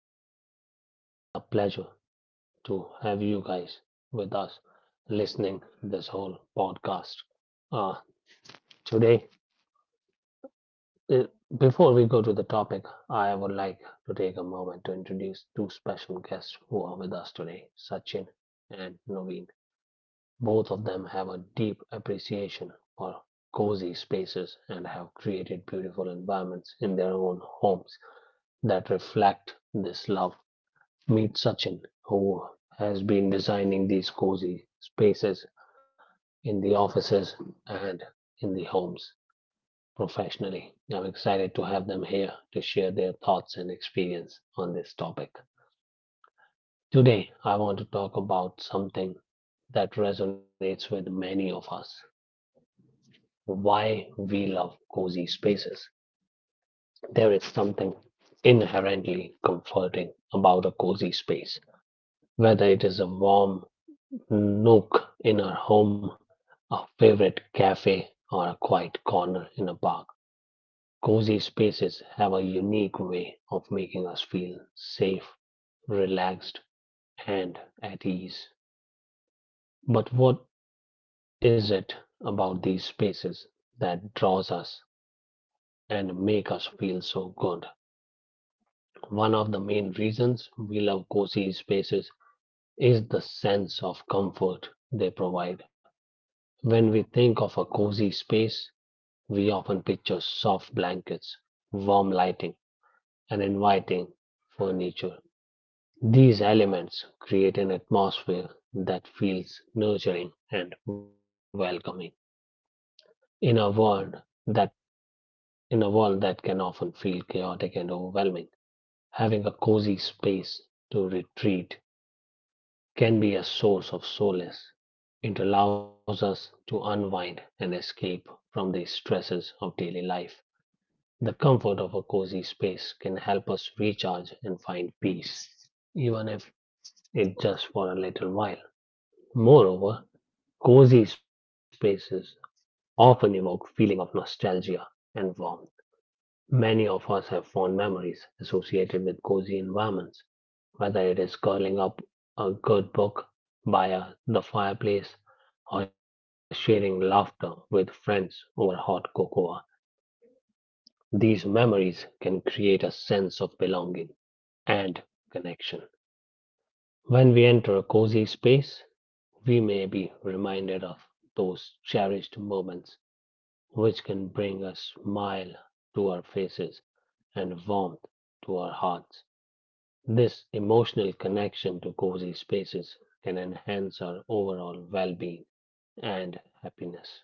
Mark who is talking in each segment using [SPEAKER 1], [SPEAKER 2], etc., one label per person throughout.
[SPEAKER 1] today. It's a pleasure to have you guys with us listening this whole podcast. Uh, today, uh, before we go to the topic, I would like to take a moment to introduce two special guests who are with us today, Sachin and Naveen. Both of them have a deep appreciation for cozy spaces and have created beautiful environments in their own homes that reflect this love. Meet Sachin, who has been designing these cozy spaces in the offices and in the homes professionally. I'm excited to have them here to share their thoughts and experience on this topic. Today, I want to talk about something that resonates with many of us: why we love cozy spaces. There is something inherently comforting about a cozy space, whether it is a warm nook in our home, a favorite cafe, or a quiet corner in a park. Cozy spaces have a unique way of making us feel safe, relaxed, and at ease. But what is it about these spaces that draws us and make us feel so good? One of the main reasons we love cozy spaces is the sense of comfort they provide. When we think of a cozy space, we often picture soft blankets, warm lighting, and inviting furniture. These elements create an atmosphere that feels nurturing and welcoming. In a world that in a world that can often feel chaotic and overwhelming, having a cozy space to retreat can be a source of solace. It allows us to unwind and escape from the stresses of daily life. The comfort of a cozy space can help us recharge and find peace, even if it's just for a little while. Moreover, cozy spaces often evoke feeling of nostalgia and warmth. Many of us have fond memories associated with cozy environments, whether it is curling up a good book by the fireplace or sharing laughter with friends over hot cocoa. These memories can create a sense of belonging and connection. When we enter a cozy space, we may be reminded of those cherished moments which can bring a smile to our faces and warmth to our hearts. This emotional connection to cozy spaces can enhance our overall well being and happiness.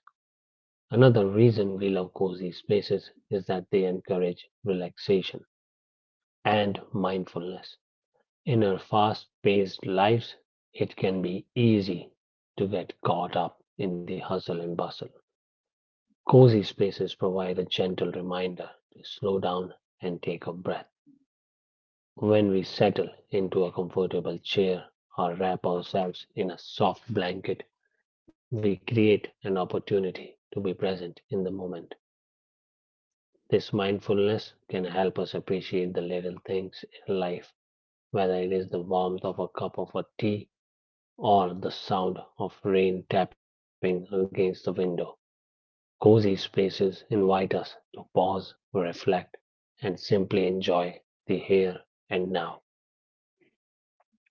[SPEAKER 1] Another reason we love cozy spaces is that they encourage relaxation and mindfulness. In our fast-paced lives, it can be easy to get caught up in the hustle and bustle. Cozy spaces provide a gentle reminder to slow down and take a breath. When we settle into a comfortable chair or wrap ourselves in a soft blanket, we create an opportunity to be present in the moment. This mindfulness can help us appreciate the little things in life, whether it is the warmth of a cup of tea or the sound of rain tapping against the window. Cozy spaces invite us to pause, reflect, and simply enjoy the here and now.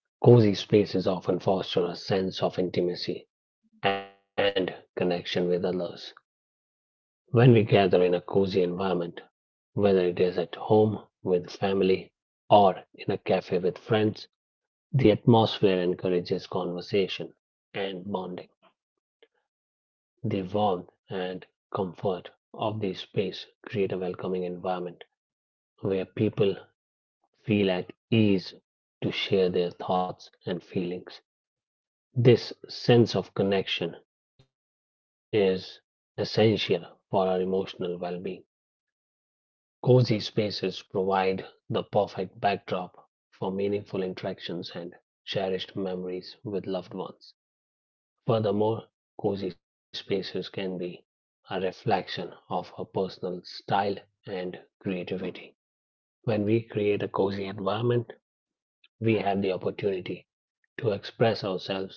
[SPEAKER 1] Cozy spaces often foster a sense of intimacy and connection with others. When we gather in a cozy environment, whether it is at home with family or in a cafe with friends, the atmosphere encourages conversation and bonding. The warmth and comfort of the space create a welcoming environment where people feel at ease to share their thoughts and feelings. This sense of connection is essential for our emotional well being. Cozy spaces provide the perfect backdrop for meaningful interactions and cherished memories with loved ones. Furthermore, cozy spaces can be a reflection of our personal style and creativity. When we create a cozy environment, we have the opportunity to express ourselves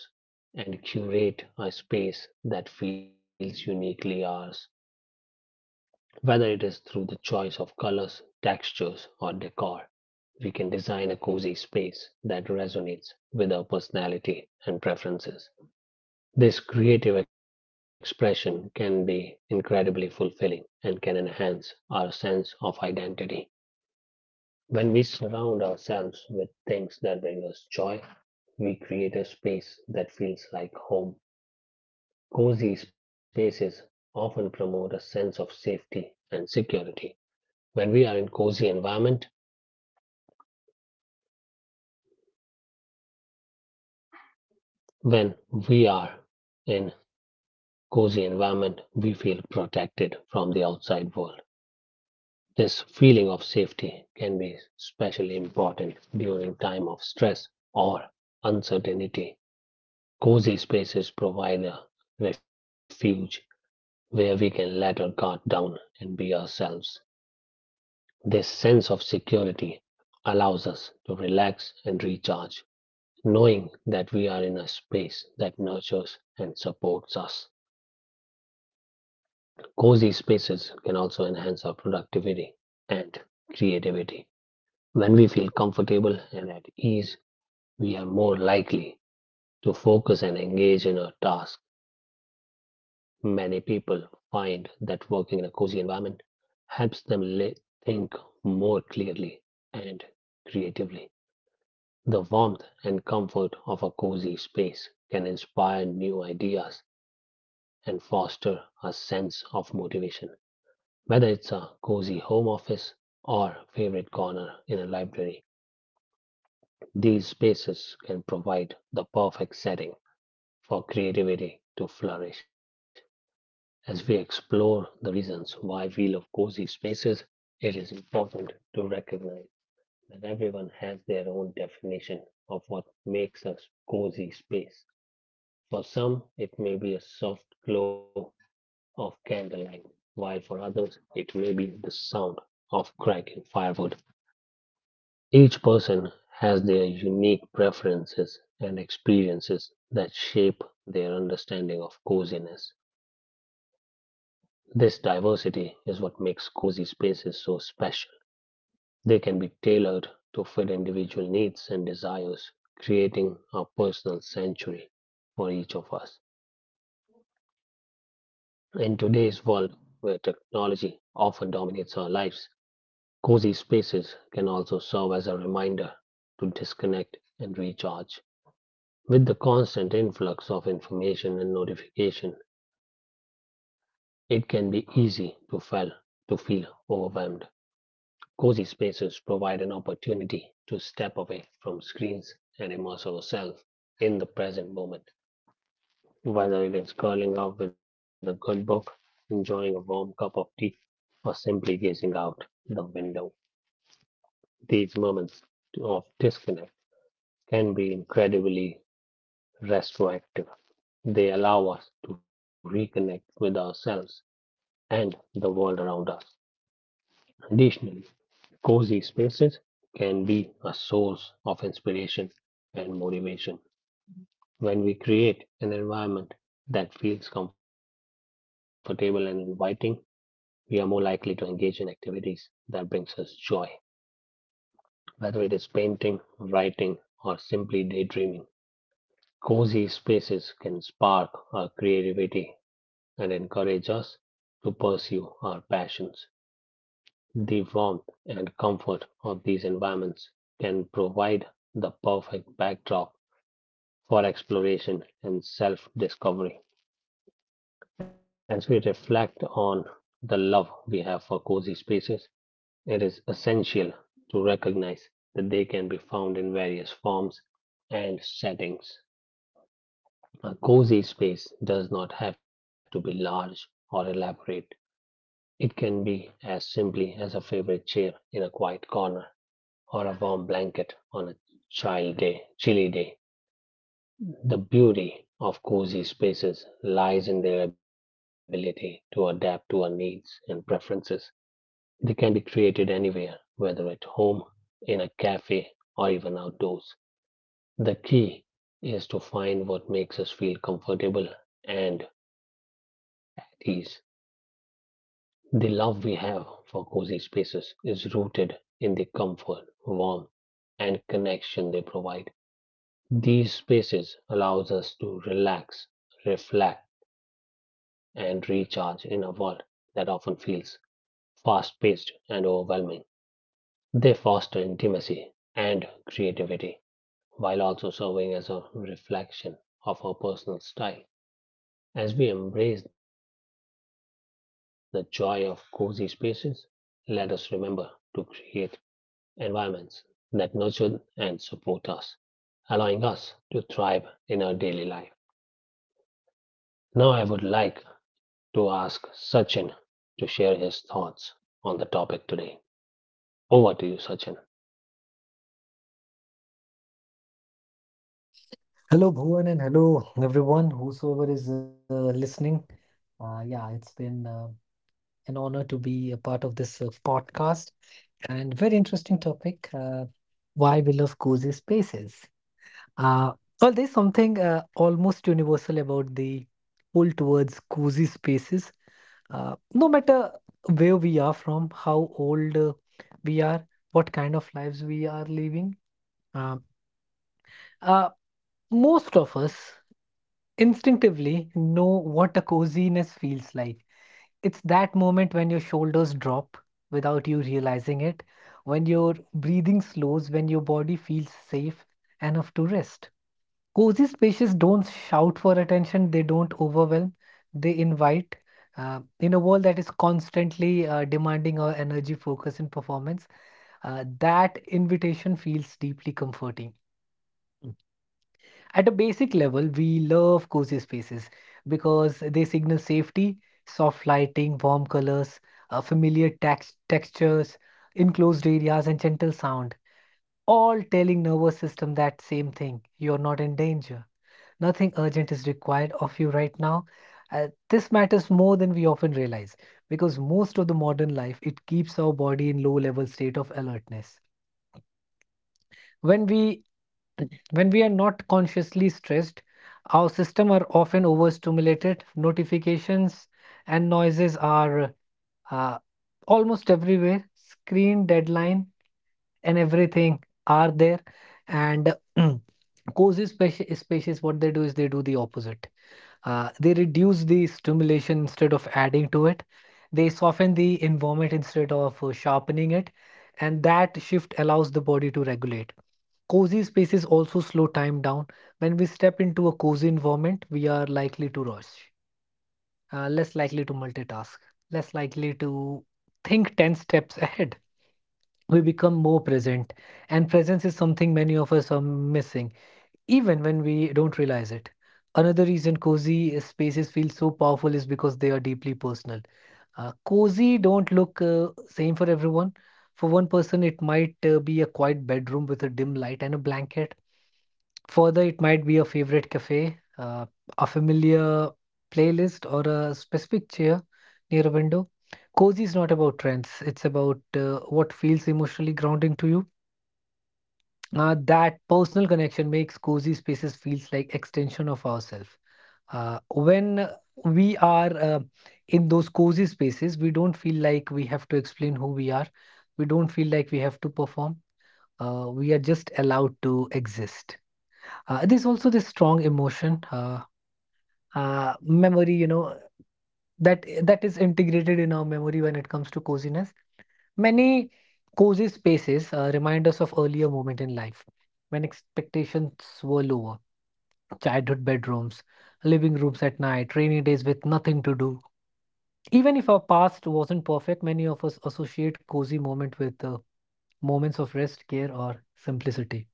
[SPEAKER 1] and curate a space that feels uniquely ours. Whether it is through the choice of colors, textures, or decor, we can design a cozy space that resonates with our personality and preferences. This creative expression can be incredibly fulfilling and can enhance our sense of identity. When we surround ourselves with things that bring us joy, we create a space that feels like home. Cozy spaces often promote a sense of safety and security. When we are in cozy environment, when we are in cozy environment, we feel protected from the outside world. This feeling of safety can be especially important during time of stress or uncertainty. Cozy spaces provide a refuge where we can let our guard down and be ourselves. This sense of security allows us to relax and recharge, knowing that we are in a space that nurtures and supports us. Cozy spaces can also enhance our productivity and creativity. When we feel comfortable and at ease, we are more likely to focus and engage in a task. Many people find that working in a cozy environment helps them li- think more clearly and creatively. The warmth and comfort of a cozy space can inspire new ideas and foster a sense of motivation. Whether it's a cozy home office or favorite corner in a library, these spaces can provide the perfect setting for creativity to flourish. As we explore the reasons why we love cozy spaces, it is important to recognize that everyone has their own definition of what makes a cozy space. For some, it may be a soft glow of candlelight, while for others, it may be the sound of cracking firewood. Each person has their unique preferences and experiences that shape their understanding of coziness. This diversity is what makes cozy spaces so special. They can be tailored to fit individual needs and desires, creating a personal sanctuary for each of us. In today's world, where technology often dominates our lives, cozy spaces can also serve as a reminder to disconnect and recharge. With the constant influx of information and notification, it can be easy to feel overwhelmed. Cozy spaces provide an opportunity to step away from screens and immerse ourselves in the present moment. Whether it is curling up with a good book, enjoying a warm cup of tea, or simply gazing out the window, these moments of disconnect can be incredibly retroactive. They allow us to reconnect with ourselves and the world around us. Additionally, cozy spaces can be a source of inspiration and motivation. When we create an environment that feels comfortable and inviting, we are more likely to engage in activities that brings us joy, whether it is painting, writing, or simply daydreaming. Cozy spaces can spark our creativity and encourage us to pursue our passions. The warmth and comfort of these environments can provide the perfect backdrop for exploration and self discovery. As we reflect on the love we have for cozy spaces, it is essential to recognize that they can be found in various forms and settings. A cozy space does not have to be large or elaborate. It can be as simply as a favorite chair in a quiet corner or a warm blanket on a chilly day. The beauty of cozy spaces lies in their ability to adapt to our needs and preferences. They can be created anywhere, whether at home, in a cafe, or even outdoors. The key is to find what makes us feel comfortable and at ease. The love we have for cozy spaces is rooted in the comfort, warmth, and connection they provide. These spaces allows us to relax, reflect, and recharge in a world that often feels fast-paced and overwhelming. They foster intimacy and creativity while also serving as a reflection of our personal style. As we embrace the joy of cozy spaces, let us remember to create environments that nurture and support us, allowing us to thrive in our daily life. Now, I would like to ask Sachin to share his thoughts on the topic today. Over to you, Sachin.
[SPEAKER 2] Hello, Bhuvan, and hello, everyone, whosoever is listening. Yeah, it's been an honor to be a part of this podcast and very interesting topic, why we love cozy spaces. Uh, well, there's something almost universal about the pull towards cozy spaces. No matter where we are from, how old we are, what kind of lives we are living, uh, uh, most of us instinctively know what a coziness feels like. It's that moment when your shoulders drop without you realizing it, when your breathing slows, when your body feels safe enough to rest. Cozy spaces don't shout for attention, they don't overwhelm, they invite. In a world that is constantly demanding our energy, focus, and performance, that invitation feels deeply comforting. At a basic level, we love cozy spaces because they signal safety, soft lighting, warm colors, familiar textures, enclosed areas, and gentle sound. All telling nervous system that same thing: you're not in danger. Nothing urgent is required of you right now. This matters more than we often realize because most of the modern life it keeps our body in low level state of alertness. When we When we are not consciously stressed, our system are often overstimulated. Notifications and noises are uh, almost everywhere. Screen deadline and everything are there, and cozy spaces. What they do is they do the opposite. They reduce the stimulation instead of adding to it. They soften the environment instead of sharpening it, and that shift allows the body to regulate. Cozy spaces also slow time down. When we step into a cozy environment, we are likely to rush, less likely to multitask, less likely to think 10 steps ahead. We become more present, and presence is something many of us are missing even when we don't realize it. Another reason cozy spaces feel so powerful is because they are deeply personal. Cozy don't look same for everyone. For one person, it might be a quiet bedroom with a dim light and a blanket. Further, it might be a favorite cafe, a familiar playlist, or a specific chair near a window. Cozy is not about trends, it's about what feels emotionally grounding to you. That personal connection makes cozy spaces feels like extension of ourselves. When we are in those cozy spaces, we don't feel like we have to explain who we are. We don't feel like we have to perform. We are just allowed to exist. There's also this strong emotion, memory. You know, that is integrated in our memory when it comes to coziness. Many cozy spaces remind us of earlier moment in life when expectations were lower, childhood bedrooms, living rooms at night, rainy days with nothing to do. Even if our past wasn't perfect, many of us associate cozy moment with moments of rest, care, or simplicity.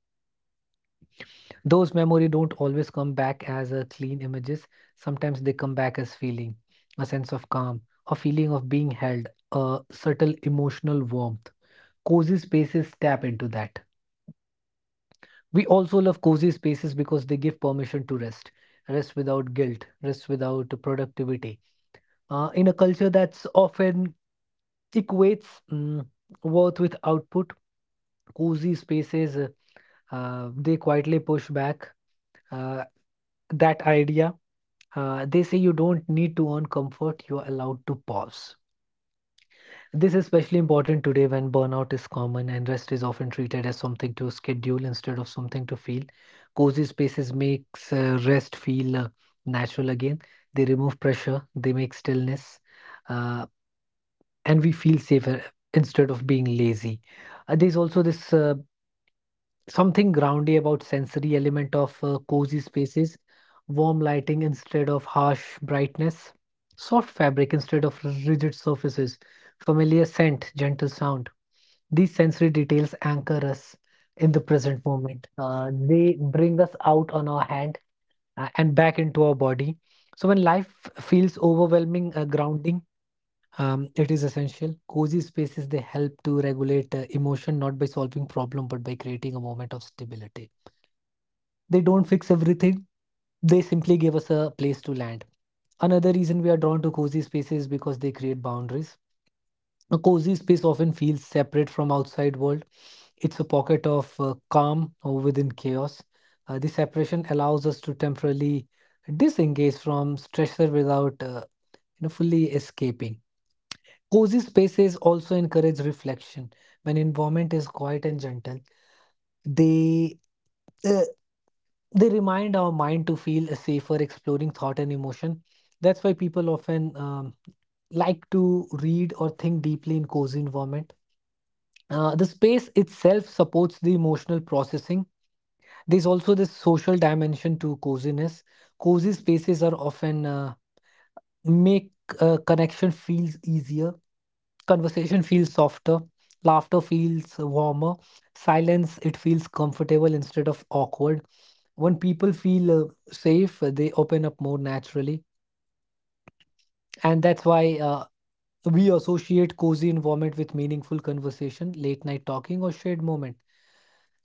[SPEAKER 2] Those memories don't always come back as clean images. Sometimes they come back as feeling, a sense of calm, a feeling of being held, a subtle emotional warmth. Cozy spaces tap into that. We also love cozy spaces because they give permission to rest. Rest without guilt, rest without productivity, in a culture that's often equates worth with output. Cozy spaces, they quietly push back uh, that idea. They say you don't need to earn comfort, you are allowed to pause. This is especially important today when burnout is common and rest is often treated as something to schedule instead of something to feel. Cozy spaces makes rest feel natural again. They remove pressure, they make stillness, uh, and we feel safer instead of being lazy. There's also this, something groundy about sensory element of cozy spaces, warm lighting instead of harsh brightness, soft fabric instead of rigid surfaces, familiar scent, gentle sound. These sensory details anchor us in the present moment. They bring us out on our hand and back into our body. So when life feels overwhelming, grounding, it is essential. Cozy spaces they help to regulate emotion not by solving problem but by creating a moment of stability. They don't fix everything. They simply give us a place to land. Another reason we are drawn to cozy spaces is because they create boundaries. A cozy space often feels separate from outside world. It's a pocket of calm within chaos. This separation allows us to temporarily disengage from stressor without fully escaping. Cozy spaces also encourage reflection. When environment is quiet and gentle, they uh, they remind our mind to feel safer exploring thought and emotion. That's why people often like to read or think deeply in cozy environment. The space itself supports the emotional processing. There's also this social dimension to coziness. Cozy spaces are often, make, connection feels easier. Conversation feels softer, laughter feels warmer, silence it feels comfortable instead of awkward. When people feel safe, they open up more naturally, and that's why we associate cozy environment with meaningful conversation, late night talking, or shared moment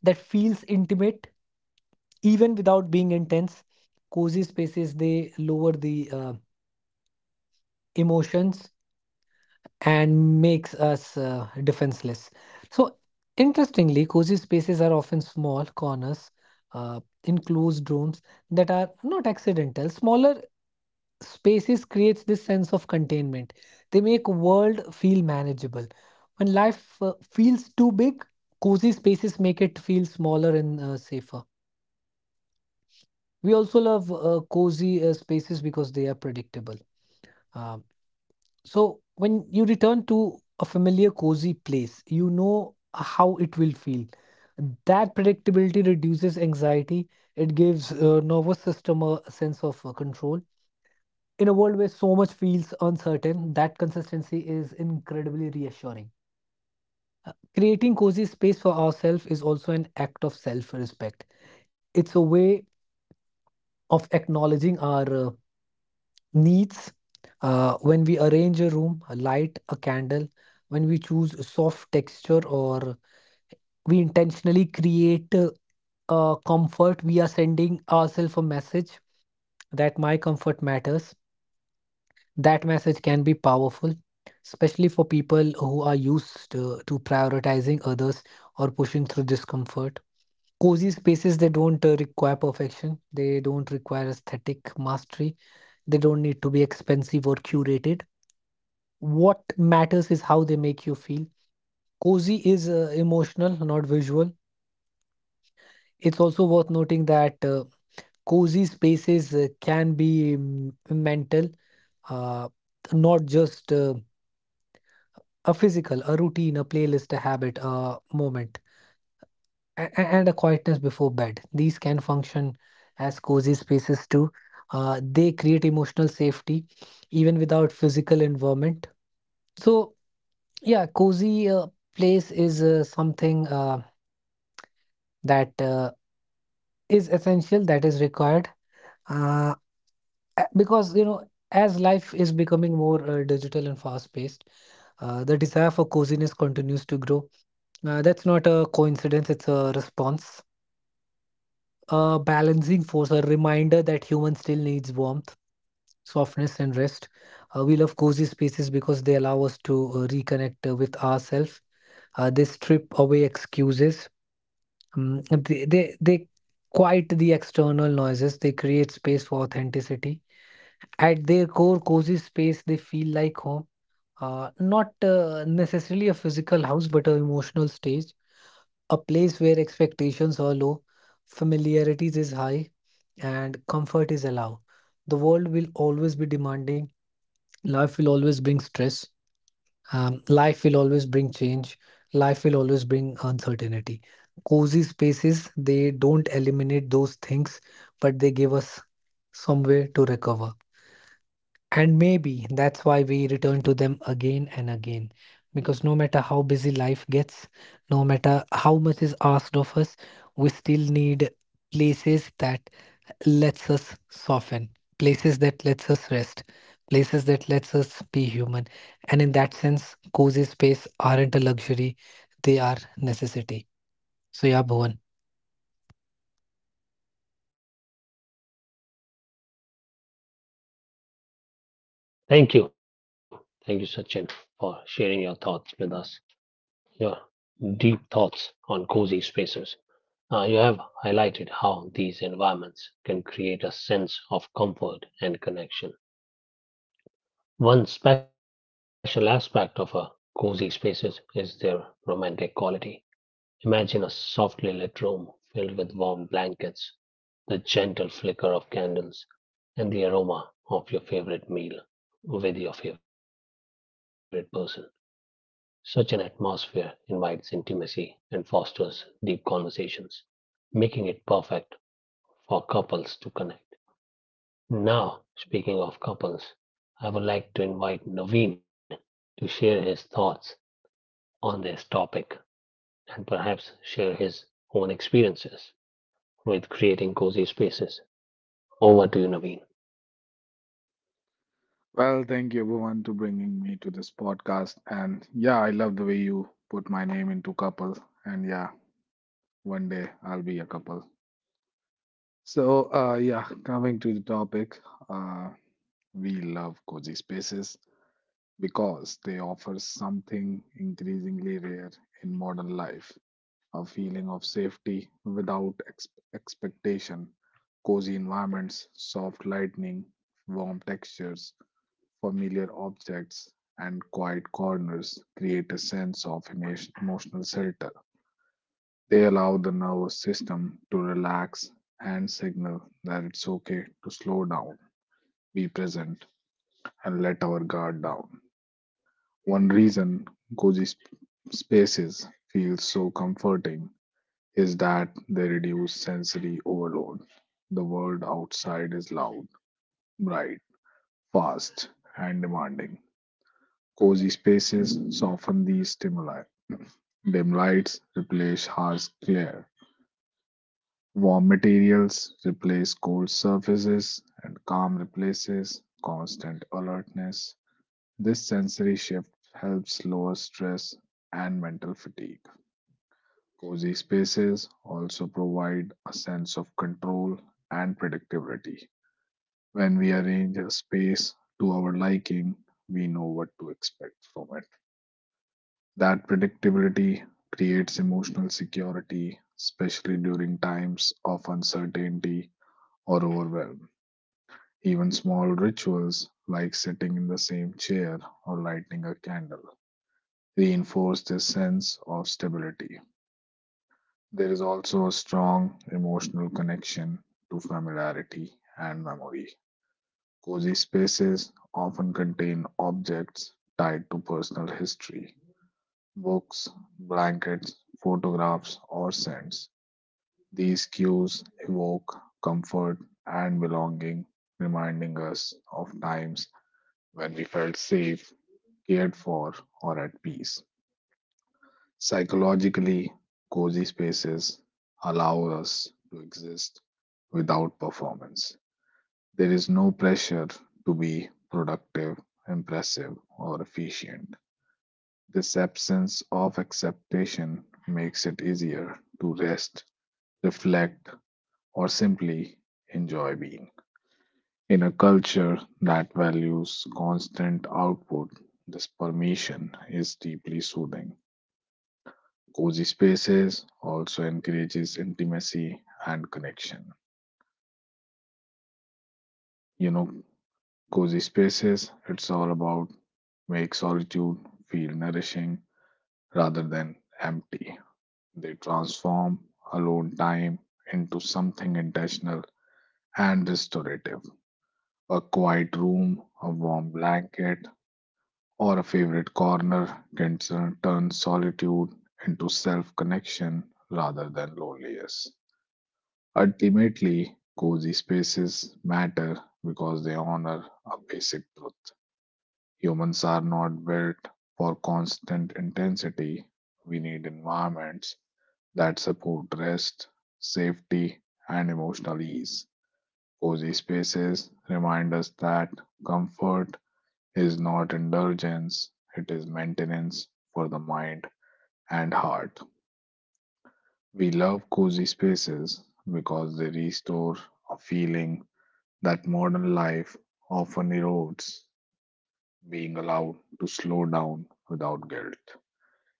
[SPEAKER 2] that feels intimate even without being intense. Cozy spaces they lower the emotions and makes us defenseless. So, interestingly, cozy spaces are often small corners, enclosed rooms that are not accidental. Smaller spaces creates this sense of containment. They make world feel manageable. When life feels too big, cozy spaces make it feel smaller and safer. We also love cozy spaces because they are predictable. Um, So when you return to a familiar cozy place, you know how it will feel. That predictability reduces anxiety. It gives nervous system a sense of control. In a world where so much feels uncertain, that consistency is incredibly reassuring. Creating cozy space for ourselves is also an act of self-respect. It's a way of acknowledging our needs, when we arrange a room, a light, a candle, when we choose a soft texture, or we intentionally create a comfort, we are sending ourselves a message that my comfort matters. That message can be powerful, especially for people who are used to prioritizing others or pushing through discomfort. Cozy spaces, they don't require perfection, they don't require aesthetic mastery, they don't need to be expensive or curated. What matters is how they make you feel. Cozy is emotional, not visual. It's also worth noting that cozy spaces can be mental, uh, not just a physical, a routine, a playlist, a habit, a moment, and a quietness before bed. These can function as cozy spaces too. They create emotional safety even without physical involvement. So, yeah, cozy place is something that is essential, that is required, uh, because as life is becoming more digital and fast paced, the desire for coziness continues to grow. That's not a coincidence, it's a response, a balancing force, a reminder that human still needs warmth, softness, and rest. We love cozy spaces because they allow us to reconnect with ourselves. They strip away excuses. They quiet the external noises. They create space for authenticity. At their core, cozy space they feel like home. Not necessarily a physical house, but an emotional stage, a place where expectations are low, familiarities is high, and comfort is allowed. The world will always be demanding. Life will always bring stress, life will always bring change. Life will always bring uncertainty. Cozy spaces, they don't eliminate those things, but they give us some way to recover. And maybe that's why we return to them again and again. Because no matter how busy life gets, no matter how much is asked of us, we still need places that lets us soften, places that lets us rest, places that lets us be human. And in that sense, cozy space aren't a luxury, they are necessity. So yeah, Bhuvan.
[SPEAKER 1] Thank you. Thank you, Sachin, for sharing your thoughts with us, your deep thoughts on cozy spaces. You have highlighted how these environments can create a sense of comfort and connection. One special aspect of a cozy spaces is their romantic quality. Imagine a softly lit room filled with warm blankets, the gentle flicker of candles, and the aroma of your favorite meal with your favorite person. Such an atmosphere invites intimacy and fosters deep conversations, making it perfect for couples to connect. Now, speaking of couples, I would like to invite Naveen to share his thoughts on this topic and perhaps share his own experiences with creating cozy spaces. Over to you, Naveen.
[SPEAKER 3] Well, thank you everyone to bringing me to this podcast. And yeah, I love the way you put my name into couple. And yeah, one day I'll be a couple. So yeah, coming to the topic, uh, we love cozy spaces because they offer something increasingly rare in modern life, a feeling of safety without expectation. Cozy environments, soft lighting, warm textures, familiar objects and quiet corners create a sense of emotional shelter. They allow the nervous system to relax and signal that it's okay to slow down, be present, and let our guard down. One reason cozy spaces feel so comforting is that they reduce sensory overload. The world outside is loud, bright, fast, and demanding. Cozy spaces soften these stimuli. Dim lights replace harsh glare. Warm materials replace cold surfaces, and calm replaces constant alertness. This sensory shift helps lower stress and mental fatigue. Cozy spaces also provide a sense of control and predictability. When we arrange a space to our liking, we know what to expect from it. That predictability creates emotional security, especially during times of uncertainty or overwhelm. Even small rituals like sitting in the same chair or lighting a candle reinforce this sense of stability. There is also a strong emotional connection to familiarity and memory. Cozy spaces often contain objects tied to personal history, books, blankets, photographs, or scents. These cues evoke comfort and belonging, reminding us of times when we felt safe, cared for, or at peace. Psychologically, cozy spaces allow us to exist without performance. There is no pressure to be productive, impressive, or efficient. This absence of expectation makes it easier to rest, reflect, or simply enjoy being. In a culture that values constant output, this permission is deeply soothing. Cozy spaces also encourages intimacy and connection. You know, cozy spaces, it's all about make solitude feel nourishing rather than empty. They transform alone time into something intentional and restorative. A quiet room, a warm blanket, or a favorite corner can turn solitude into self connection rather than loneliness. Ultimately, cozy spaces matter because they honor a basic truth. Humans are not built for constant intensity. We need environments that support rest, safety, and emotional ease. Cozy spaces remind us that comfort is not indulgence, it is maintenance for the mind and heart. We love cozy spaces because they restore a feeling that modern life often erodes, being allowed to slow down without guilt.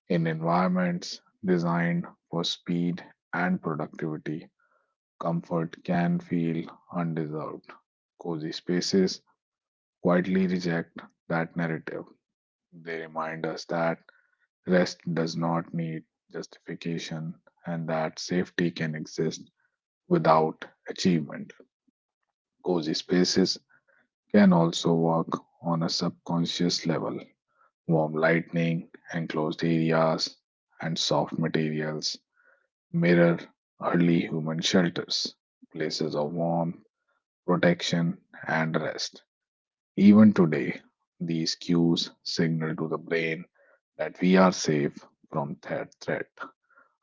[SPEAKER 3] In environments designed for speed and productivity, comfort can feel undeserved. Cozy spaces quietly reject that narrative. They remind us that rest does not need justification, and that safety can exist without achievement. Cozy spaces can also work on a subconscious level. Warm lighting, enclosed areas, and soft materials mirror early human shelters, places of warmth, protection, and rest. Even today, these cues signal to the brain that we are safe from that threat,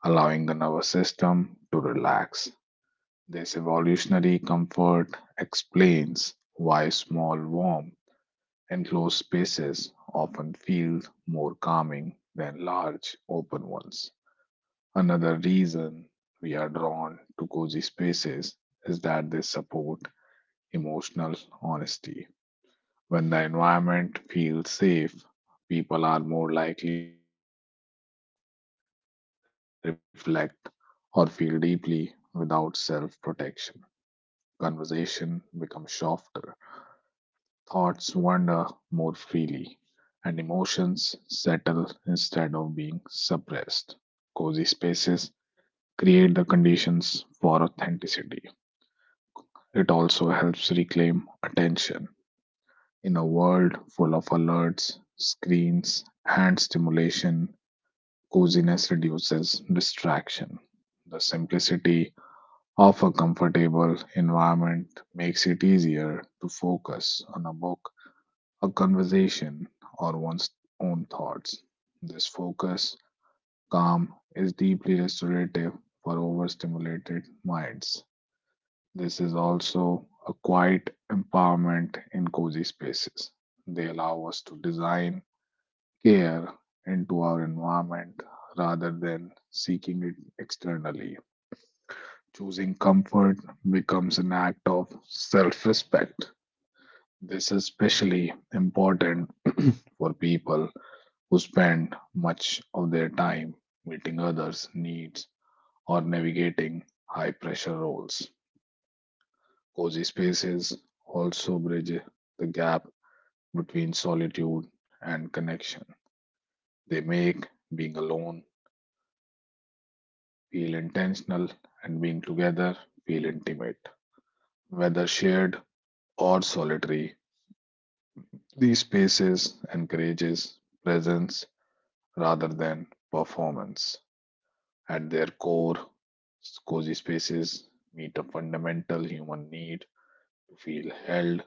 [SPEAKER 3] allowing the nervous system to relax. This evolutionary comfort explains why small, warm, enclosed spaces often feel more calming than large, open ones. Another reason we are drawn to cozy spaces is that they support emotional honesty. When the environment feels safe, people are more likely to open up, reflect, or feel deeply without self protection. Conversation becomes softer, thoughts wander more freely, and emotions settle instead of being suppressed. Cozy spaces create the conditions for authenticity. It also helps reclaim attention. In a world full of alerts, screens, and stimulation, coziness reduces distraction. The simplicity of a comfortable environment makes it easier to focus on a book, a conversation, or one's own thoughts. This focus, calm, is deeply restorative for overstimulated minds. This is also a quiet empowerment in cozy spaces. They allow us to design care into our environment rather than seeking it externally. Choosing comfort becomes an act of self respect. This is especially important for people who spend much of their time meeting others' needs or navigating high pressure roles. Cozy spaces also bridge the gap between solitude and connection. They make being alone feel intentional and being together feel intimate. Whether shared or solitary, these spaces encourages presence rather than performance. At their core, cozy spaces meet a fundamental human need to feel held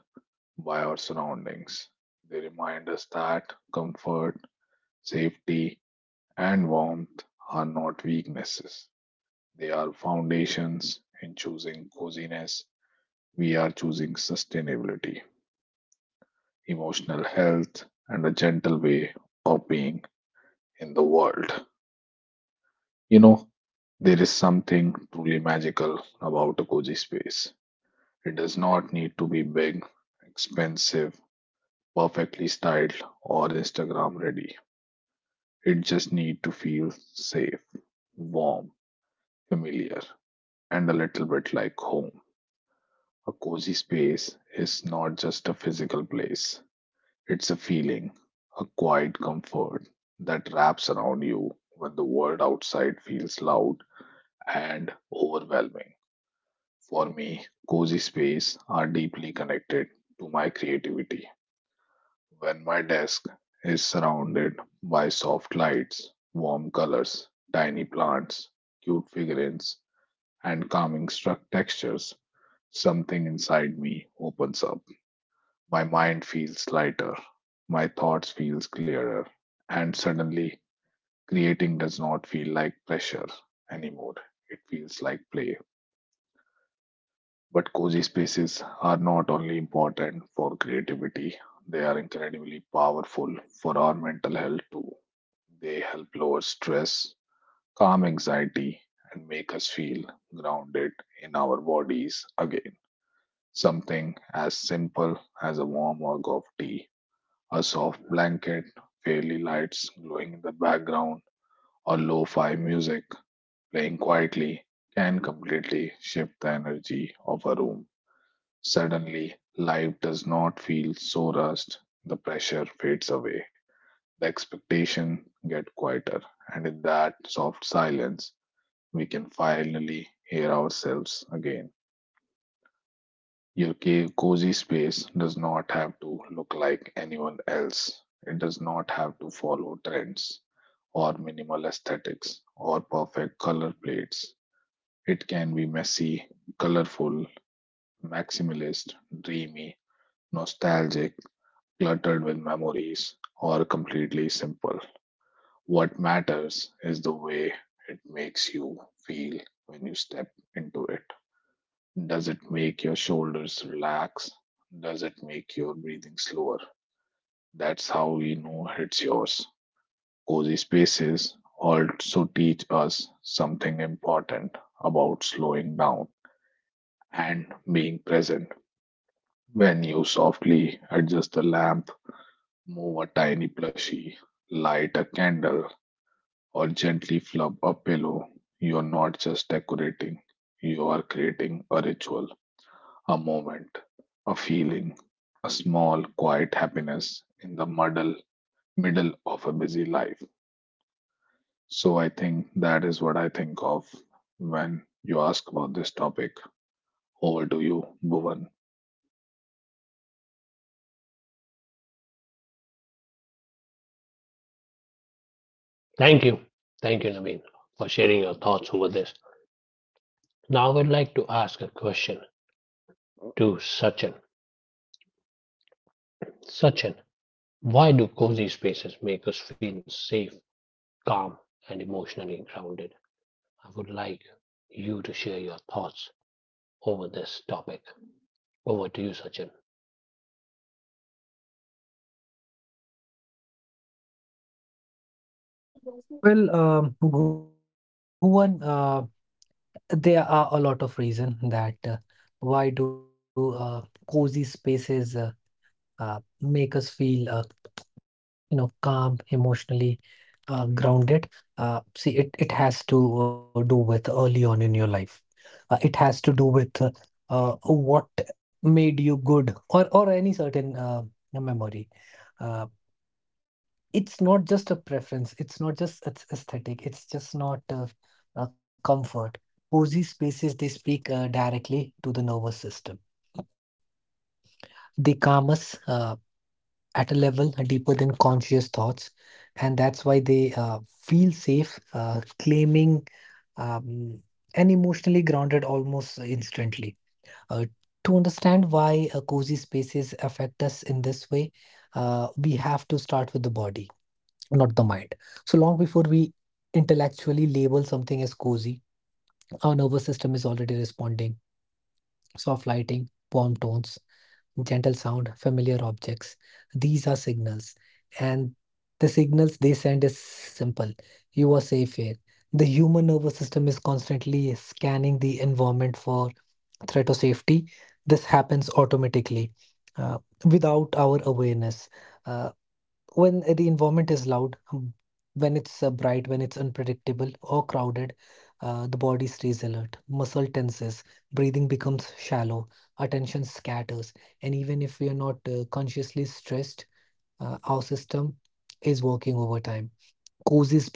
[SPEAKER 3] by our surroundings. They remind us that comfort, safety, and warmth are not weaknesses. They are foundations. In choosing coziness, we are choosing sustainability, emotional health, and a gentle way of being in the world. You know, there is something truly magical about a cozy space. It does not need to be big, expensive, perfectly styled, or Instagram ready. It just needs to feel safe, warm, familiar, and a little bit like home. A cozy space is not just a physical place, it's a feeling, a quiet comfort that wraps around you when the world outside feels loud and overwhelming. For me, cozy spaces are deeply connected to my creativity. When my desk is surrounded by soft lights, warm colors, tiny plants, cute figurines, and calming struck textures, something inside me opens up. My mind feels lighter, my thoughts feels clearer, and suddenly creating does not feel like pressure anymore. It feels like play. But cozy spaces are not only important for creativity, they are incredibly powerful for our mental health too. They help lower stress, calm anxiety, and make us feel grounded in our bodies again. Something as simple as a warm mug of tea, a soft blanket, fairy lights glowing in the background, or lo fi music playing quietly can completely shift the energy of a room. Suddenly, life does not feel so rushed. The pressure fades away. The expectation get quieter, and in that soft silence, we can finally hear ourselves again. Your cozy space does not have to look like anyone else. It does not have to follow trends or minimal aesthetics or perfect color plates. It can be messy, colorful, maximalist, dreamy, nostalgic, cluttered with memories or completely simple. What matters is the way it makes you feel when you step into it. Does it make your shoulders relax? Does it make your breathing slower? That's how we know it's yours. Cozy spaces also teach us something important about slowing down and being present. When you softly adjust the lamp, move a tiny plushie, light a candle, or gently flub a pillow, you're not just decorating, you are creating a ritual, a moment, a feeling, a small, quiet happiness in the middle of a busy life. So I think that is what I think of when you ask about this topic. Over to you, Bhuvan.
[SPEAKER 1] Thank you. Thank you, Naveen, for sharing your thoughts over this. Now, I would like to ask a question to Sachin. Sachin, why do cozy spaces make us feel safe, calm, and emotionally grounded? I would like you to share your thoughts over this topic. Over to you, Sachin.
[SPEAKER 2] Well, Bhuvan, there are a lot of reason that, why do cozy spaces make us feel, calm, emotionally grounded. See, it has to do with early on in your life. It has to do with what made you good, or any certain memory. Uh, it's not just a preference. It's not just aesthetic. It's just not a comfort. Cozy spaces, they speak directly to the nervous system. They calm us at a level deeper than conscious thoughts. And that's why they feel safe, claiming, um, and emotionally grounded almost instantly. Uh, to understand why cozy spaces affect us in this way, we have to start with the body, not the mind. So long before we intellectually label something as cozy, our nervous system is already responding. Soft lighting, warm tones, gentle sound, familiar objects. These are signals. And the signals they send is simple: you are safe here. The human nervous system is constantly scanning the environment for threat or safety. This happens automatically uh,, without our awareness. Uh, when the environment is loud, when it's bright, when it's unpredictable or crowded, the body stays alert, muscle tenses, breathing becomes shallow, attention scatters, and even if we are not consciously stressed, our system is working overtime.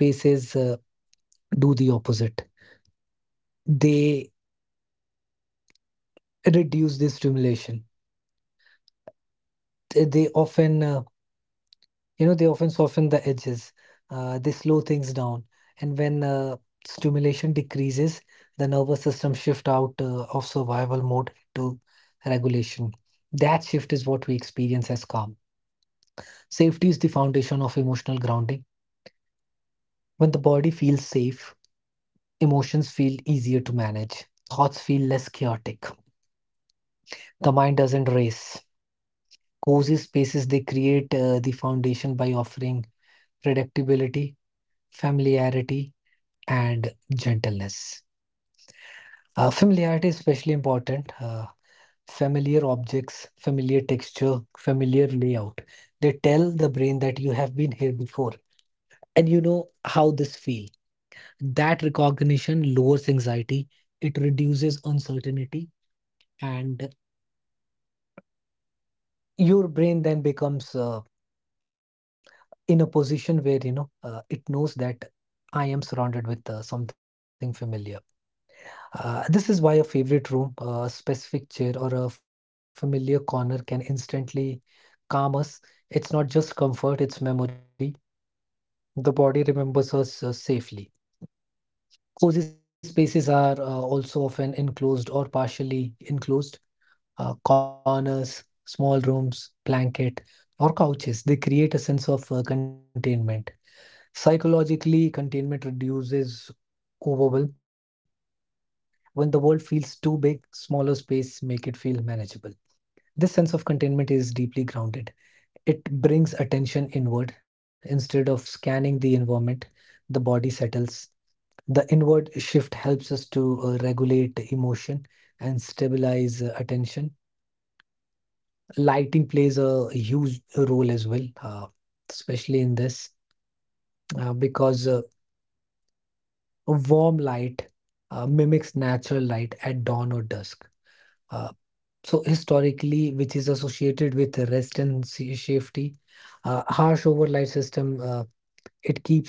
[SPEAKER 2] Cozy spaces do the opposite. They reduce the stimulation. They often they often soften the edges, they slow things down. And when stimulation decreases, the nervous system shift out of survival mode to regulation. That shift is what we experience as calm. Safety is the foundation of emotional grounding. When the body feels safe, emotions feel easier to manage, thoughts feel less chaotic, the mind doesn't race. Cozy spaces they create the foundation by offering predictability, familiarity, and gentleness. Familiarity is especially important. Familiar objects, familiar texture, familiar layout. They tell the brain that you have been here before and you know how this feels. That recognition lowers anxiety, it reduces uncertainty, and your brain then becomes uh,, in a position where you know it knows that I am surrounded with something familiar. This is why a favorite room, a specific chair, or a familiar corner can instantly calm us. It's not just comfort, it's memory. The body remembers us safely. Cozy spaces are also often enclosed or partially enclosed. Corners, small rooms, blanket, or couches, they create a sense of containment. Psychologically, containment reduces overwhelm. When the world feels too big, smaller space make it feel manageable. This sense of containment is deeply grounded. It brings attention inward. Instead of scanning the environment, the body settles. The inward shift helps us to regulate emotion and stabilize attention. Lighting plays a huge role as well, especially in this, because a warm light mimics natural light at dawn or dusk. Uh, So historically, which is associated with rest and safety, harsh overlight system,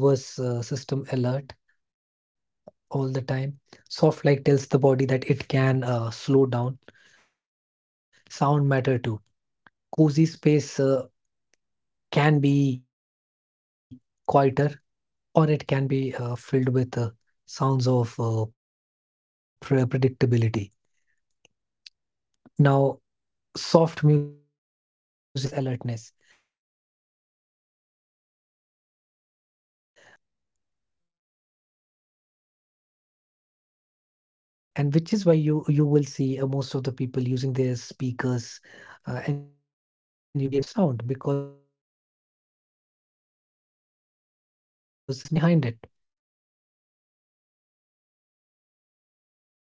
[SPEAKER 2] it keeps our nervous system alert all the time. Soft light tells the body that it can slow down. Sound matter too. Cozy space can be quieter, or it can be filled with sounds of predictability. Now, soft music, rain ambient noise, loud or sudden sound, it triggers alertness. Gentle sound, it supports relaxation, and which is why you will see most of the people using their speakers and using the sound system with those cozy ambient sound, because it makes you feel more relaxed, and that's the science behind it.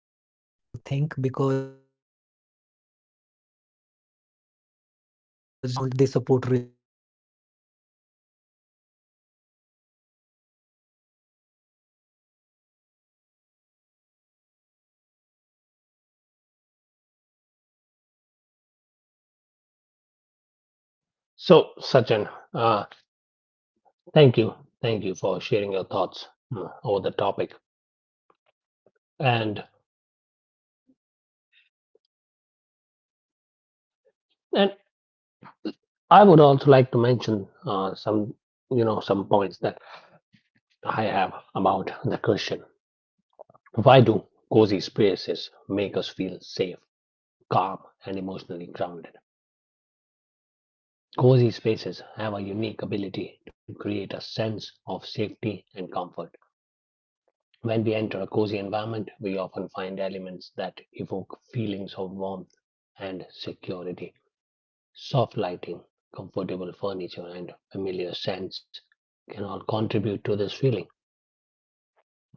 [SPEAKER 2] And which is really a way to think, because loud and certain sound they trigger alertness, gentle sound they support relaxation. And which is absolutely fine. The other thing is texture. It's a grounding element. Soft fabric. It gives you a feel of that
[SPEAKER 1] So,
[SPEAKER 2] coziness.
[SPEAKER 1] Sachin, uh, thank you, thank you for sharing your thoughts over the topic, and and I would also like to mention some some points that I have about the question. Why do cozy spaces make us feel safe, calm, and emotionally grounded? Cozy spaces have a unique ability to create a sense of safety and comfort. When we enter a cozy environment, we often find elements that evoke feelings of warmth and security. Soft lighting, comfortable furniture, and familiar scents can all contribute to this feeling.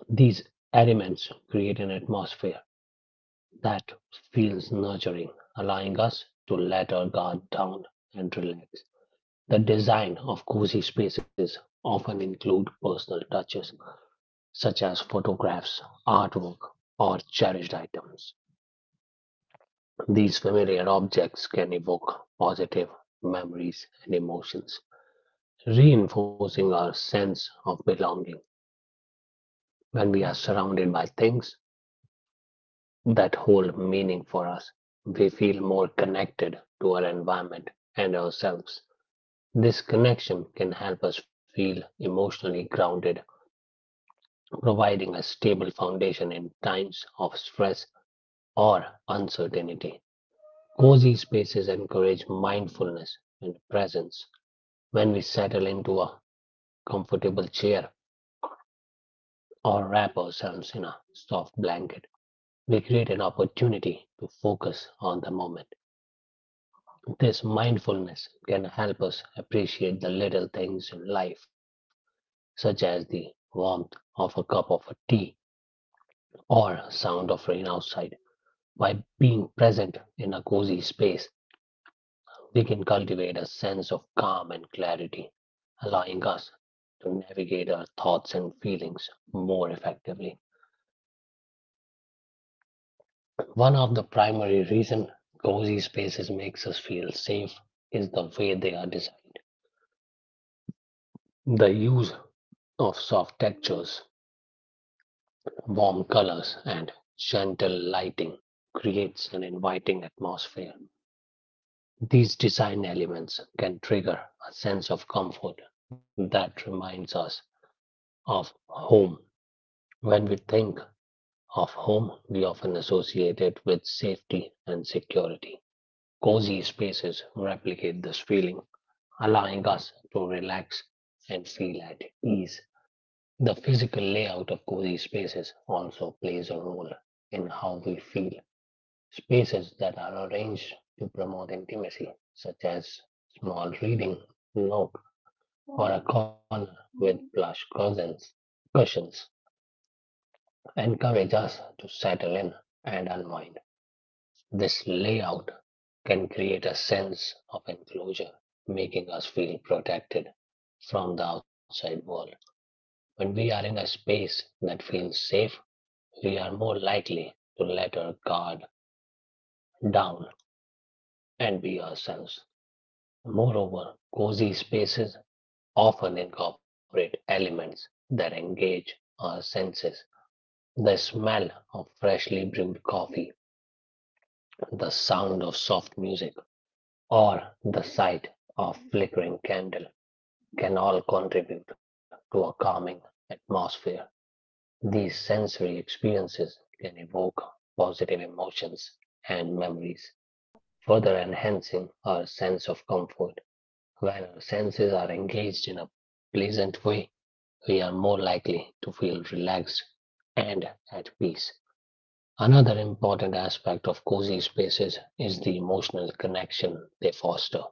[SPEAKER 1] These elements create an atmosphere that
[SPEAKER 2] Well, it does,
[SPEAKER 1] feels
[SPEAKER 2] Bhuvan. It
[SPEAKER 1] nurturing,
[SPEAKER 2] does have
[SPEAKER 1] allowing us to
[SPEAKER 2] this
[SPEAKER 1] let
[SPEAKER 2] sense
[SPEAKER 1] our
[SPEAKER 2] of
[SPEAKER 1] guard down
[SPEAKER 2] calmness.
[SPEAKER 1] and relax. The design of cozy
[SPEAKER 2] And you know,
[SPEAKER 1] spaces
[SPEAKER 2] it can
[SPEAKER 1] often
[SPEAKER 2] also
[SPEAKER 1] include
[SPEAKER 2] fe be
[SPEAKER 1] personal
[SPEAKER 2] emotionally
[SPEAKER 1] touches
[SPEAKER 2] safe
[SPEAKER 1] such
[SPEAKER 2] sometimes.
[SPEAKER 1] as photographs,
[SPEAKER 2] Mhm.
[SPEAKER 1] artwork, or cherished items. These familiar objects can evoke positive memories and emotions, reinforcing our sense of belonging. When we are surrounded by things that hold meaning for us, we feel more connected to our environment and ourselves. This connection can help us feel emotionally grounded, providing a stable foundation in times of stress or uncertainty. Cozy spaces encourage mindfulness and presence. When we settle into a comfortable chair or wrap ourselves in a soft blanket, we create an opportunity to focus on the moment. This mindfulness can help us appreciate the little things in life, such as the warmth of a cup of tea or sound of rain outside. By being present in a cozy space, we can cultivate a sense of calm and clarity, allowing us to navigate our thoughts and feelings more effectively. One of the primary reasons cozy spaces makes us feel safe is the way they are designed. The use of soft textures, warm colors, and gentle lighting creates an inviting atmosphere. These design elements can trigger a sense of comfort that reminds us of home. When we think of home, we often associate it with safety and security. Cozy spaces replicate this feeling, allowing us to relax and feel at ease. The physical layout of cozy spaces also plays a role in how we feel. Spaces that are arranged to promote intimacy, such as small reading nook or a corner with plush cushions, encourage us to settle in and unwind. This layout can create a sense of enclosure, making us feel protected from the outside world. When we are in a space that feels safe, we are more likely to let our guard down and be ourselves. Moreover, cozy spaces often incorporate elements that engage our senses. The smell of freshly brewed coffee, the sound of soft music, or the sight of flickering candle can all contribute to a calming atmosphere. These sensory experiences can evoke positive emotions and memories, further enhancing our sense of comfort. When our senses are engaged in a pleasant way, we are more likely to feel relaxed and at peace. Another important aspect of cozy spaces is the emotional connection they foster.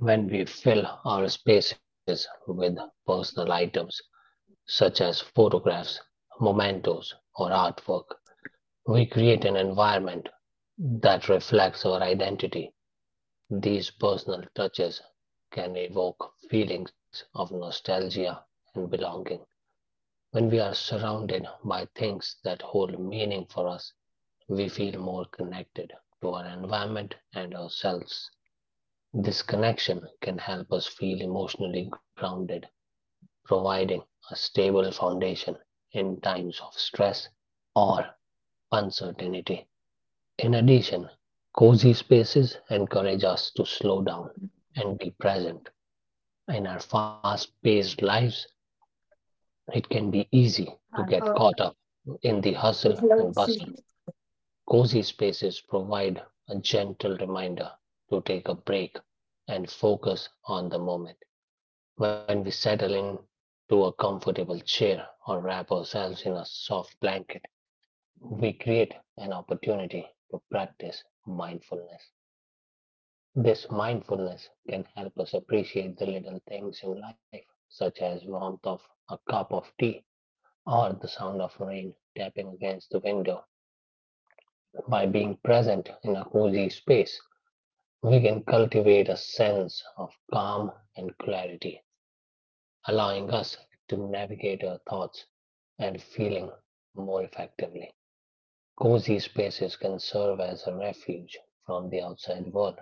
[SPEAKER 1] When we fill our spaces with personal items, such as photographs, mementos, or artwork, we create an environment that reflects our identity. These personal touches can evoke feelings of nostalgia and belonging. When we are surrounded by things that hold meaning for us, we feel more connected to our environment and ourselves. This connection can help us feel emotionally grounded, providing a stable foundation in times of stress or uncertainty. In addition, cozy spaces encourage us to slow down and be present. In our fast paced lives, it can be easy to
[SPEAKER 4] Uh,
[SPEAKER 1] get
[SPEAKER 4] uh,
[SPEAKER 1] caught up in the hustle
[SPEAKER 4] there's no
[SPEAKER 1] and bustle.
[SPEAKER 4] decision.
[SPEAKER 1] Cozy spaces provide a gentle reminder to take a break and focus on the moment. When we settle in to a comfortable chair or wrap ourselves in a soft blanket, we create an opportunity to practice mindfulness. This mindfulness can help us appreciate the little things in life, such as warmth of a cup of tea or the sound of rain tapping against the window. By being present in a cozy space, we can cultivate a sense of calm and clarity, allowing us to navigate our thoughts and feeling more effectively. Cozy spaces can serve as a refuge from the outside world.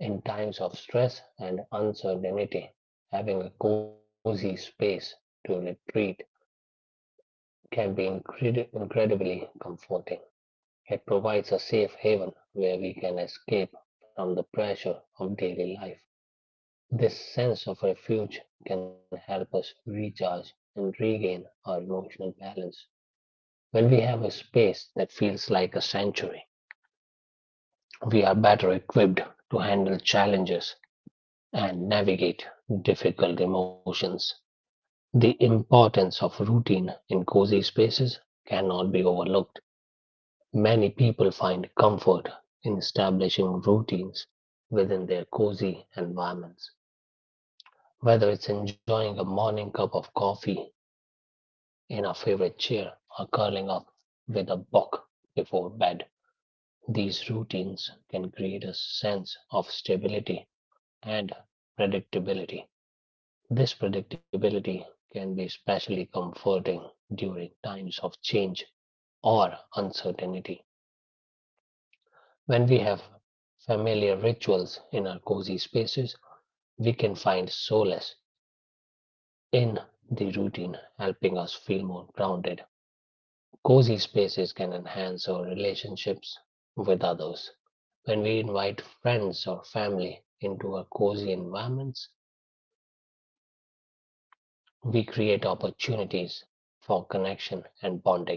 [SPEAKER 1] In times of stress and uncertainty, having a cozy space to retreat can be incredibly comforting. It provides a safe haven where we can escape from the pressure of daily life. This sense of refuge can help us recharge and regain our emotional balance. When we have a space that feels like a sanctuary, we are better equipped to handle challenges and navigate difficult emotions. The importance of routine in cozy spaces cannot be overlooked. Many people find comfort in establishing routines within their cozy environments, whether it's enjoying a morning cup of coffee in a favorite chair or curling up with a book before bed. These routines can create a sense of stability and predictability. This predictability can be especially comforting during times of change or uncertainty. When we have familiar rituals in our cozy spaces, we can find solace in the routine, helping us feel more grounded. Cozy spaces can enhance our relationships with others. When we invite friends or family into our cozy environments, we create opportunities for connection and bonding.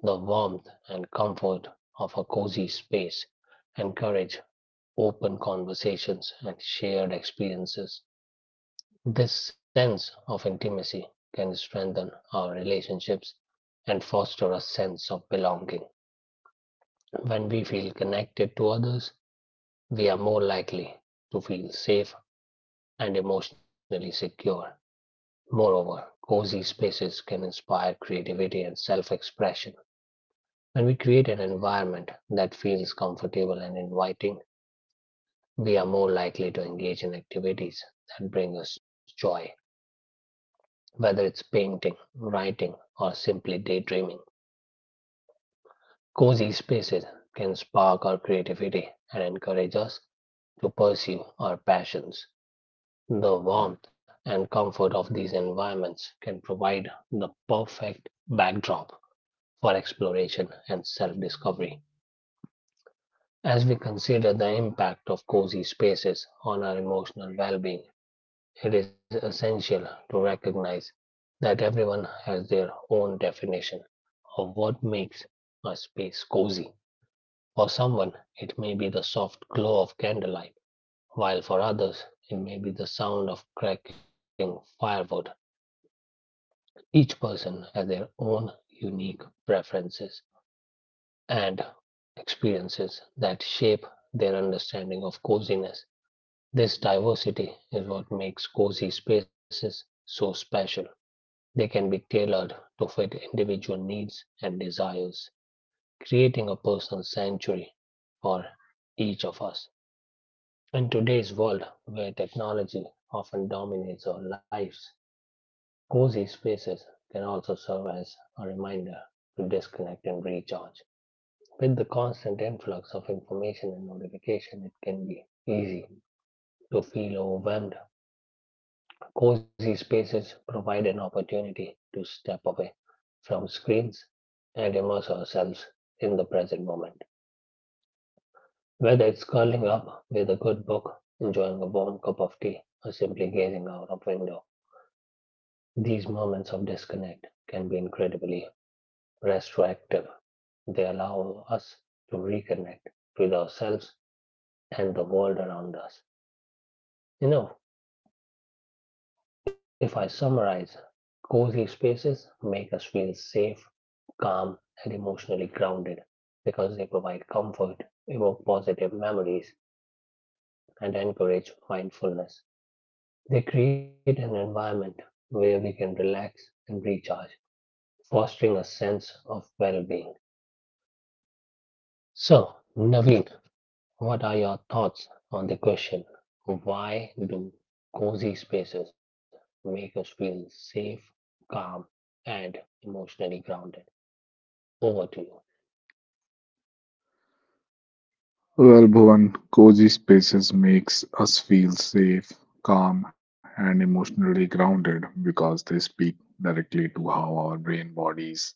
[SPEAKER 1] The warmth and comfort of a cozy space encourage open conversations and shared experiences. This sense of intimacy can strengthen our relationships and foster a sense of belonging. When we feel connected to others, we are more likely to feel safe and emotionally secure. Moreover, cozy spaces can inspire creativity and self expression. When we create an environment that feels comfortable and inviting, we are more likely to engage in activities that bring us joy, whether it's painting, writing, or simply daydreaming. Cozy spaces can spark our creativity and encourage us to pursue our passions. The warmth and comfort of these environments can provide the perfect backdrop for exploration and self discovery. As we consider the impact of cozy spaces on our emotional well being, it is essential to recognize that everyone has their own definition of what makes a space cozy. For someone, it may be the soft glow of candlelight, while for others, it may be the sound of cracking firewood. Each person has their own unique preferences and experiences that shape their understanding of coziness. This diversity is what makes cozy spaces so special. They can be tailored to fit individual needs and desires, creating a personal sanctuary for each of us. In today's world, where technology often dominates our lives, cozy spaces can also serve as a reminder to disconnect and recharge. With the constant influx of information and notification, it can be easy to feel overwhelmed. Cozy spaces provide an opportunity to step away from screens and immerse ourselves in the present moment. Whether it's curling up with a good book, enjoying a warm cup of tea, or simply gazing out of window, these moments of disconnect can be incredibly restorative. They allow us to reconnect with ourselves and the world around us. You know, if I summarize, cozy spaces make us feel safe, calm, and emotionally grounded because they provide comfort, evoke positive memories, and encourage mindfulness. They create an environment where we can relax and recharge, fostering a sense of well being. So, Naveen, what are your thoughts on the question? Why do cozy spaces make us feel safe, calm, and emotionally grounded? Over to you.
[SPEAKER 3] Well, Bhuvan, cozy spaces makes us feel safe, calm, and emotionally grounded because they speak directly to how our brain, bodies,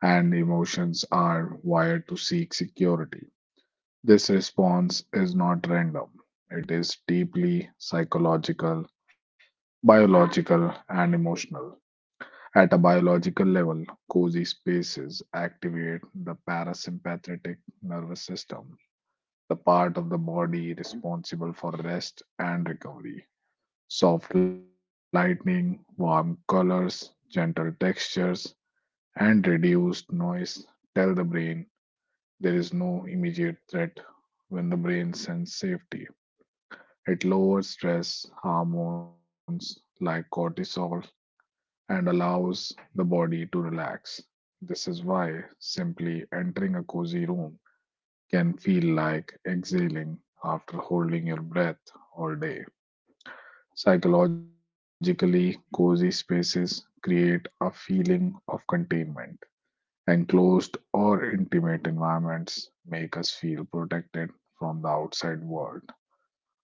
[SPEAKER 3] and emotions are wired to seek security. This response is not random, it is deeply psychological, biological, and emotional. At a biological level, cozy spaces activate the parasympathetic nervous system, the part of the body responsible for rest and recovery. Soft lighting, warm colors, gentle textures, and reduced noise tell the brain there is no immediate threat. When the brain sends safety, it lowers stress hormones like cortisol and allows the body to relax. This is why simply entering a cozy room can feel like exhaling after holding your breath all day. Psychologically, cozy spaces create a feeling of containment. Enclosed or intimate environments make us feel protected from the outside world.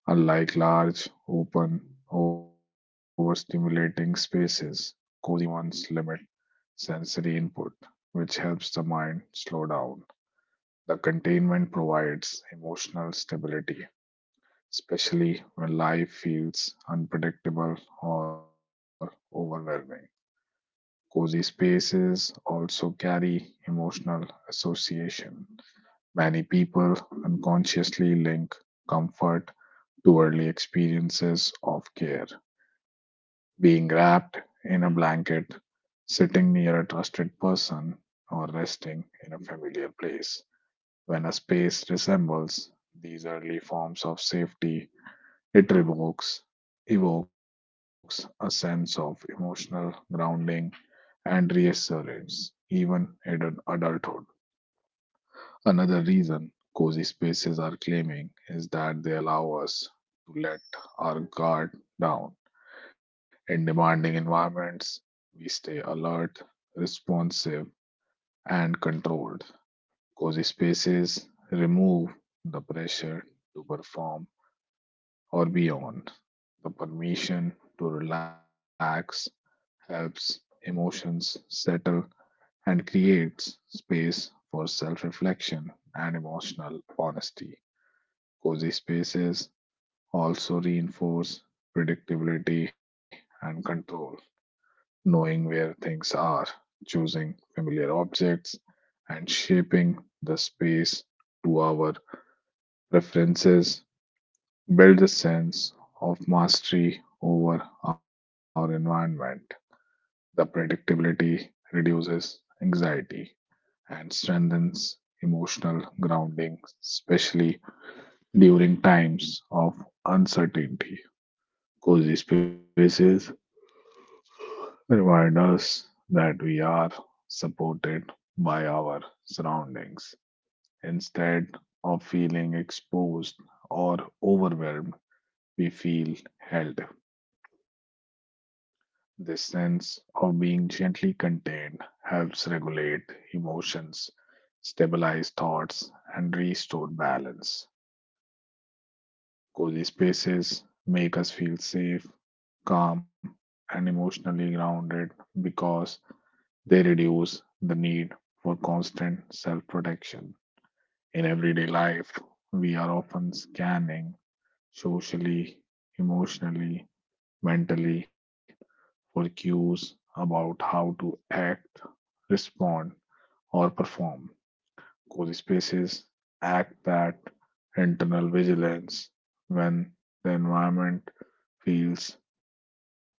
[SPEAKER 3] Unlike large, open, overstimulating spaces, cozy ones limit sensory input, which helps the mind slow down. The containment provides emotional stability, especially when life feels unpredictable or overwhelming. Cozy spaces also carry emotional association. Many people unconsciously link comfort to early experiences of care. Being wrapped in a blanket, sitting near a trusted person, or resting in a familiar place. When a space resembles these early forms of safety, it evokes a sense of emotional grounding and reassurance, even in adulthood. Another reason cozy spaces are claiming is that they allow us to let our guard down. In demanding environments, we stay alert, responsive, and controlled. Cozy spaces remove the pressure to perform or be on. The permission to relax helps emotions settle and creates space for self reflection and emotional honesty. Cozy spaces also reinforce predictability and control, knowing where things are, choosing familiar objects, and shaping the space to our preferences build a sense of mastery over our environment. The predictability reduces anxiety and strengthens emotional grounding, especially during times of uncertainty. Cozy spaces remind us that we are supported by our surroundings. Instead of feeling exposed or overwhelmed, we feel held. This sense of being gently contained helps regulate emotions, stabilize thoughts, and restore balance. Cozy spaces make us feel safe, calm, and emotionally grounded because they reduce the need for constant self protection. In everyday life, we are often scanning socially, emotionally, mentally for cues about how to act, respond, or perform. Cozy spaces act that internal vigilance when the environment feels gentle.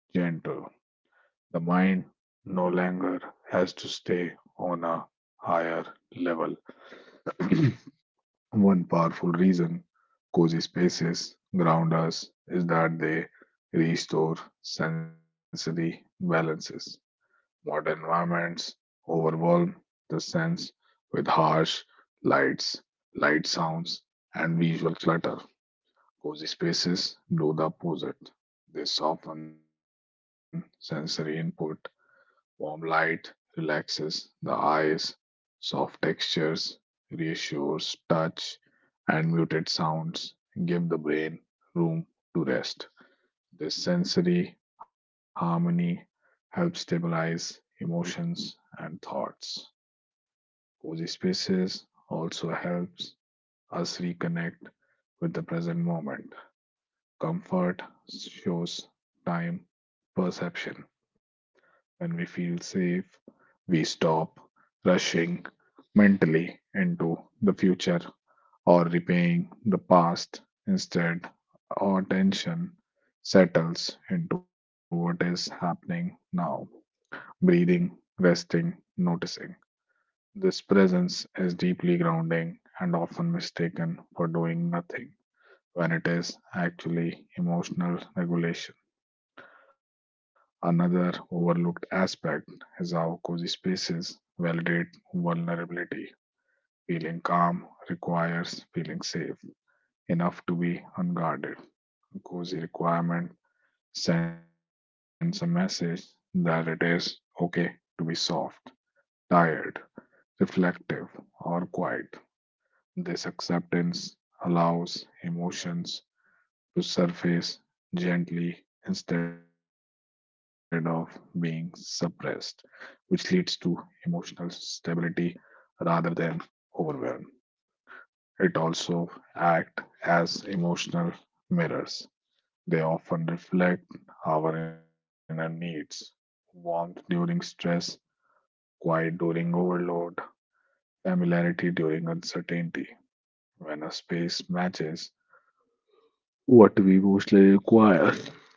[SPEAKER 3] The mind no longer has to stay on a higher level. One powerful reason cozy spaces ground us is that they restore sensory balances. Modern environments overwhelm the sense with harsh lights, light sounds, and visual clutter. Cozy spaces do the opposite. They soften sensory input. Warm light relaxes the eyes, soft textures reassures touch, and muted sounds give the brain room to rest. This sensory harmony helps stabilize emotions and thoughts. Cozy spaces also helps us reconnect with the present moment. Comfort shows time perception. When we feel safe, we stop rushing mentally into the future or repaying the past. Instead, our attention settles into what is happening now, breathing, resting, noticing. This presence is deeply grounding and often mistaken for doing nothing when it is actually emotional regulation. Another overlooked aspect is how cozy spaces validate vulnerability. Feeling calm requires feeling safe enough to be unguarded. Cozy requirement sends a message that it is okay to be soft, tired, reflective, or quiet. This acceptance allows emotions to surface gently instead of being suppressed, which leads to emotional stability rather than overwhelm. It also acts as emotional mirrors. They often reflect our inner needs, warmth during stress, quiet during overload, familiarity during uncertainty. When a space matches what we mostly require,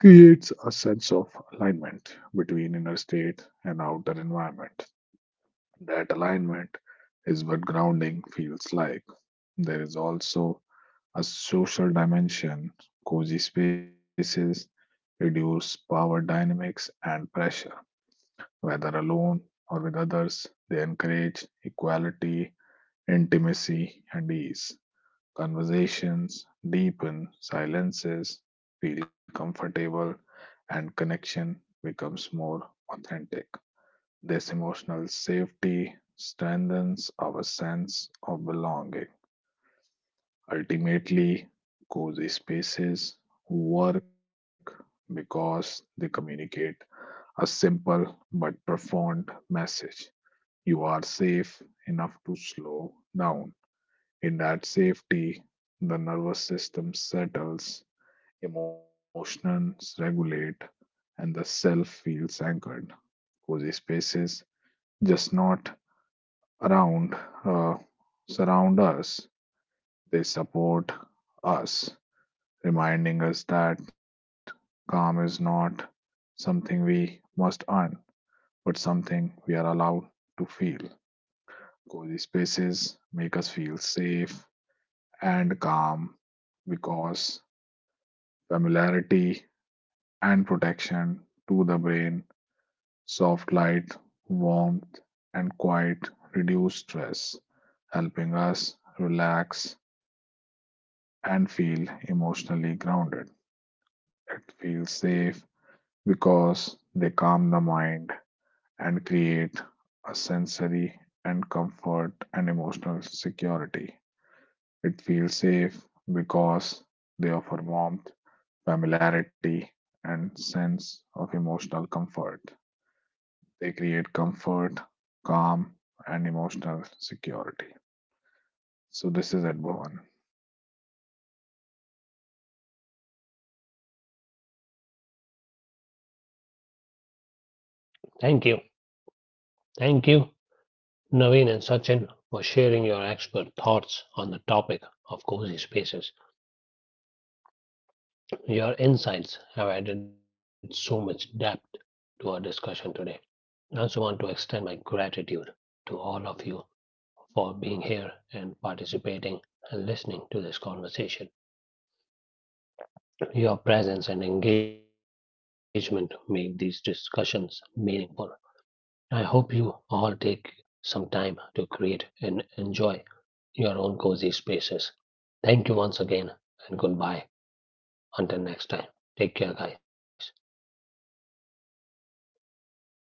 [SPEAKER 3] creates a sense of alignment between inner state and outer environment. That alignment is what grounding feels like. There is also a social dimension. Cozy spaces reduce power dynamics and pressure. Whether alone or with others, they encourage equality, intimacy, and ease. Conversations deepen, silences feel comfortable, and connection becomes more authentic. This emotional safety strengthens our sense of belonging. Ultimately, cozy spaces work because they communicate a simple but profound message. You are safe enough to slow down. In that safety, the nervous system settles, emotions regulate, and the self feels anchored. Cozy spaces just not around uh, surround us, they support us, reminding us that calm is not something we must earn, but something we are allowed to feel. Cozy spaces make us feel safe and calm because familiarity and protection to the brain, soft light, warmth, and quiet reduce stress, helping us relax and feel emotionally grounded. It feels safe because they calm the mind and create a sensory and comfort and emotional security. It feels safe because they offer warmth, familiarity, and sense of emotional comfort. They create comfort, calm, and emotional security. So this is at Bhuvan.
[SPEAKER 1] Thank you. Thank you, Naveen and Sachin, for sharing your expert thoughts on the topic of cozy spaces. Your insights have added so much depth to our discussion today. I also want to extend my gratitude to all of you for being here and participating and listening to this conversation. Your presence and engagement make these discussions meaningful. I hope you all take some time to create and enjoy your own cozy spaces. Thank you once again and goodbye. Until next time, take care, guys.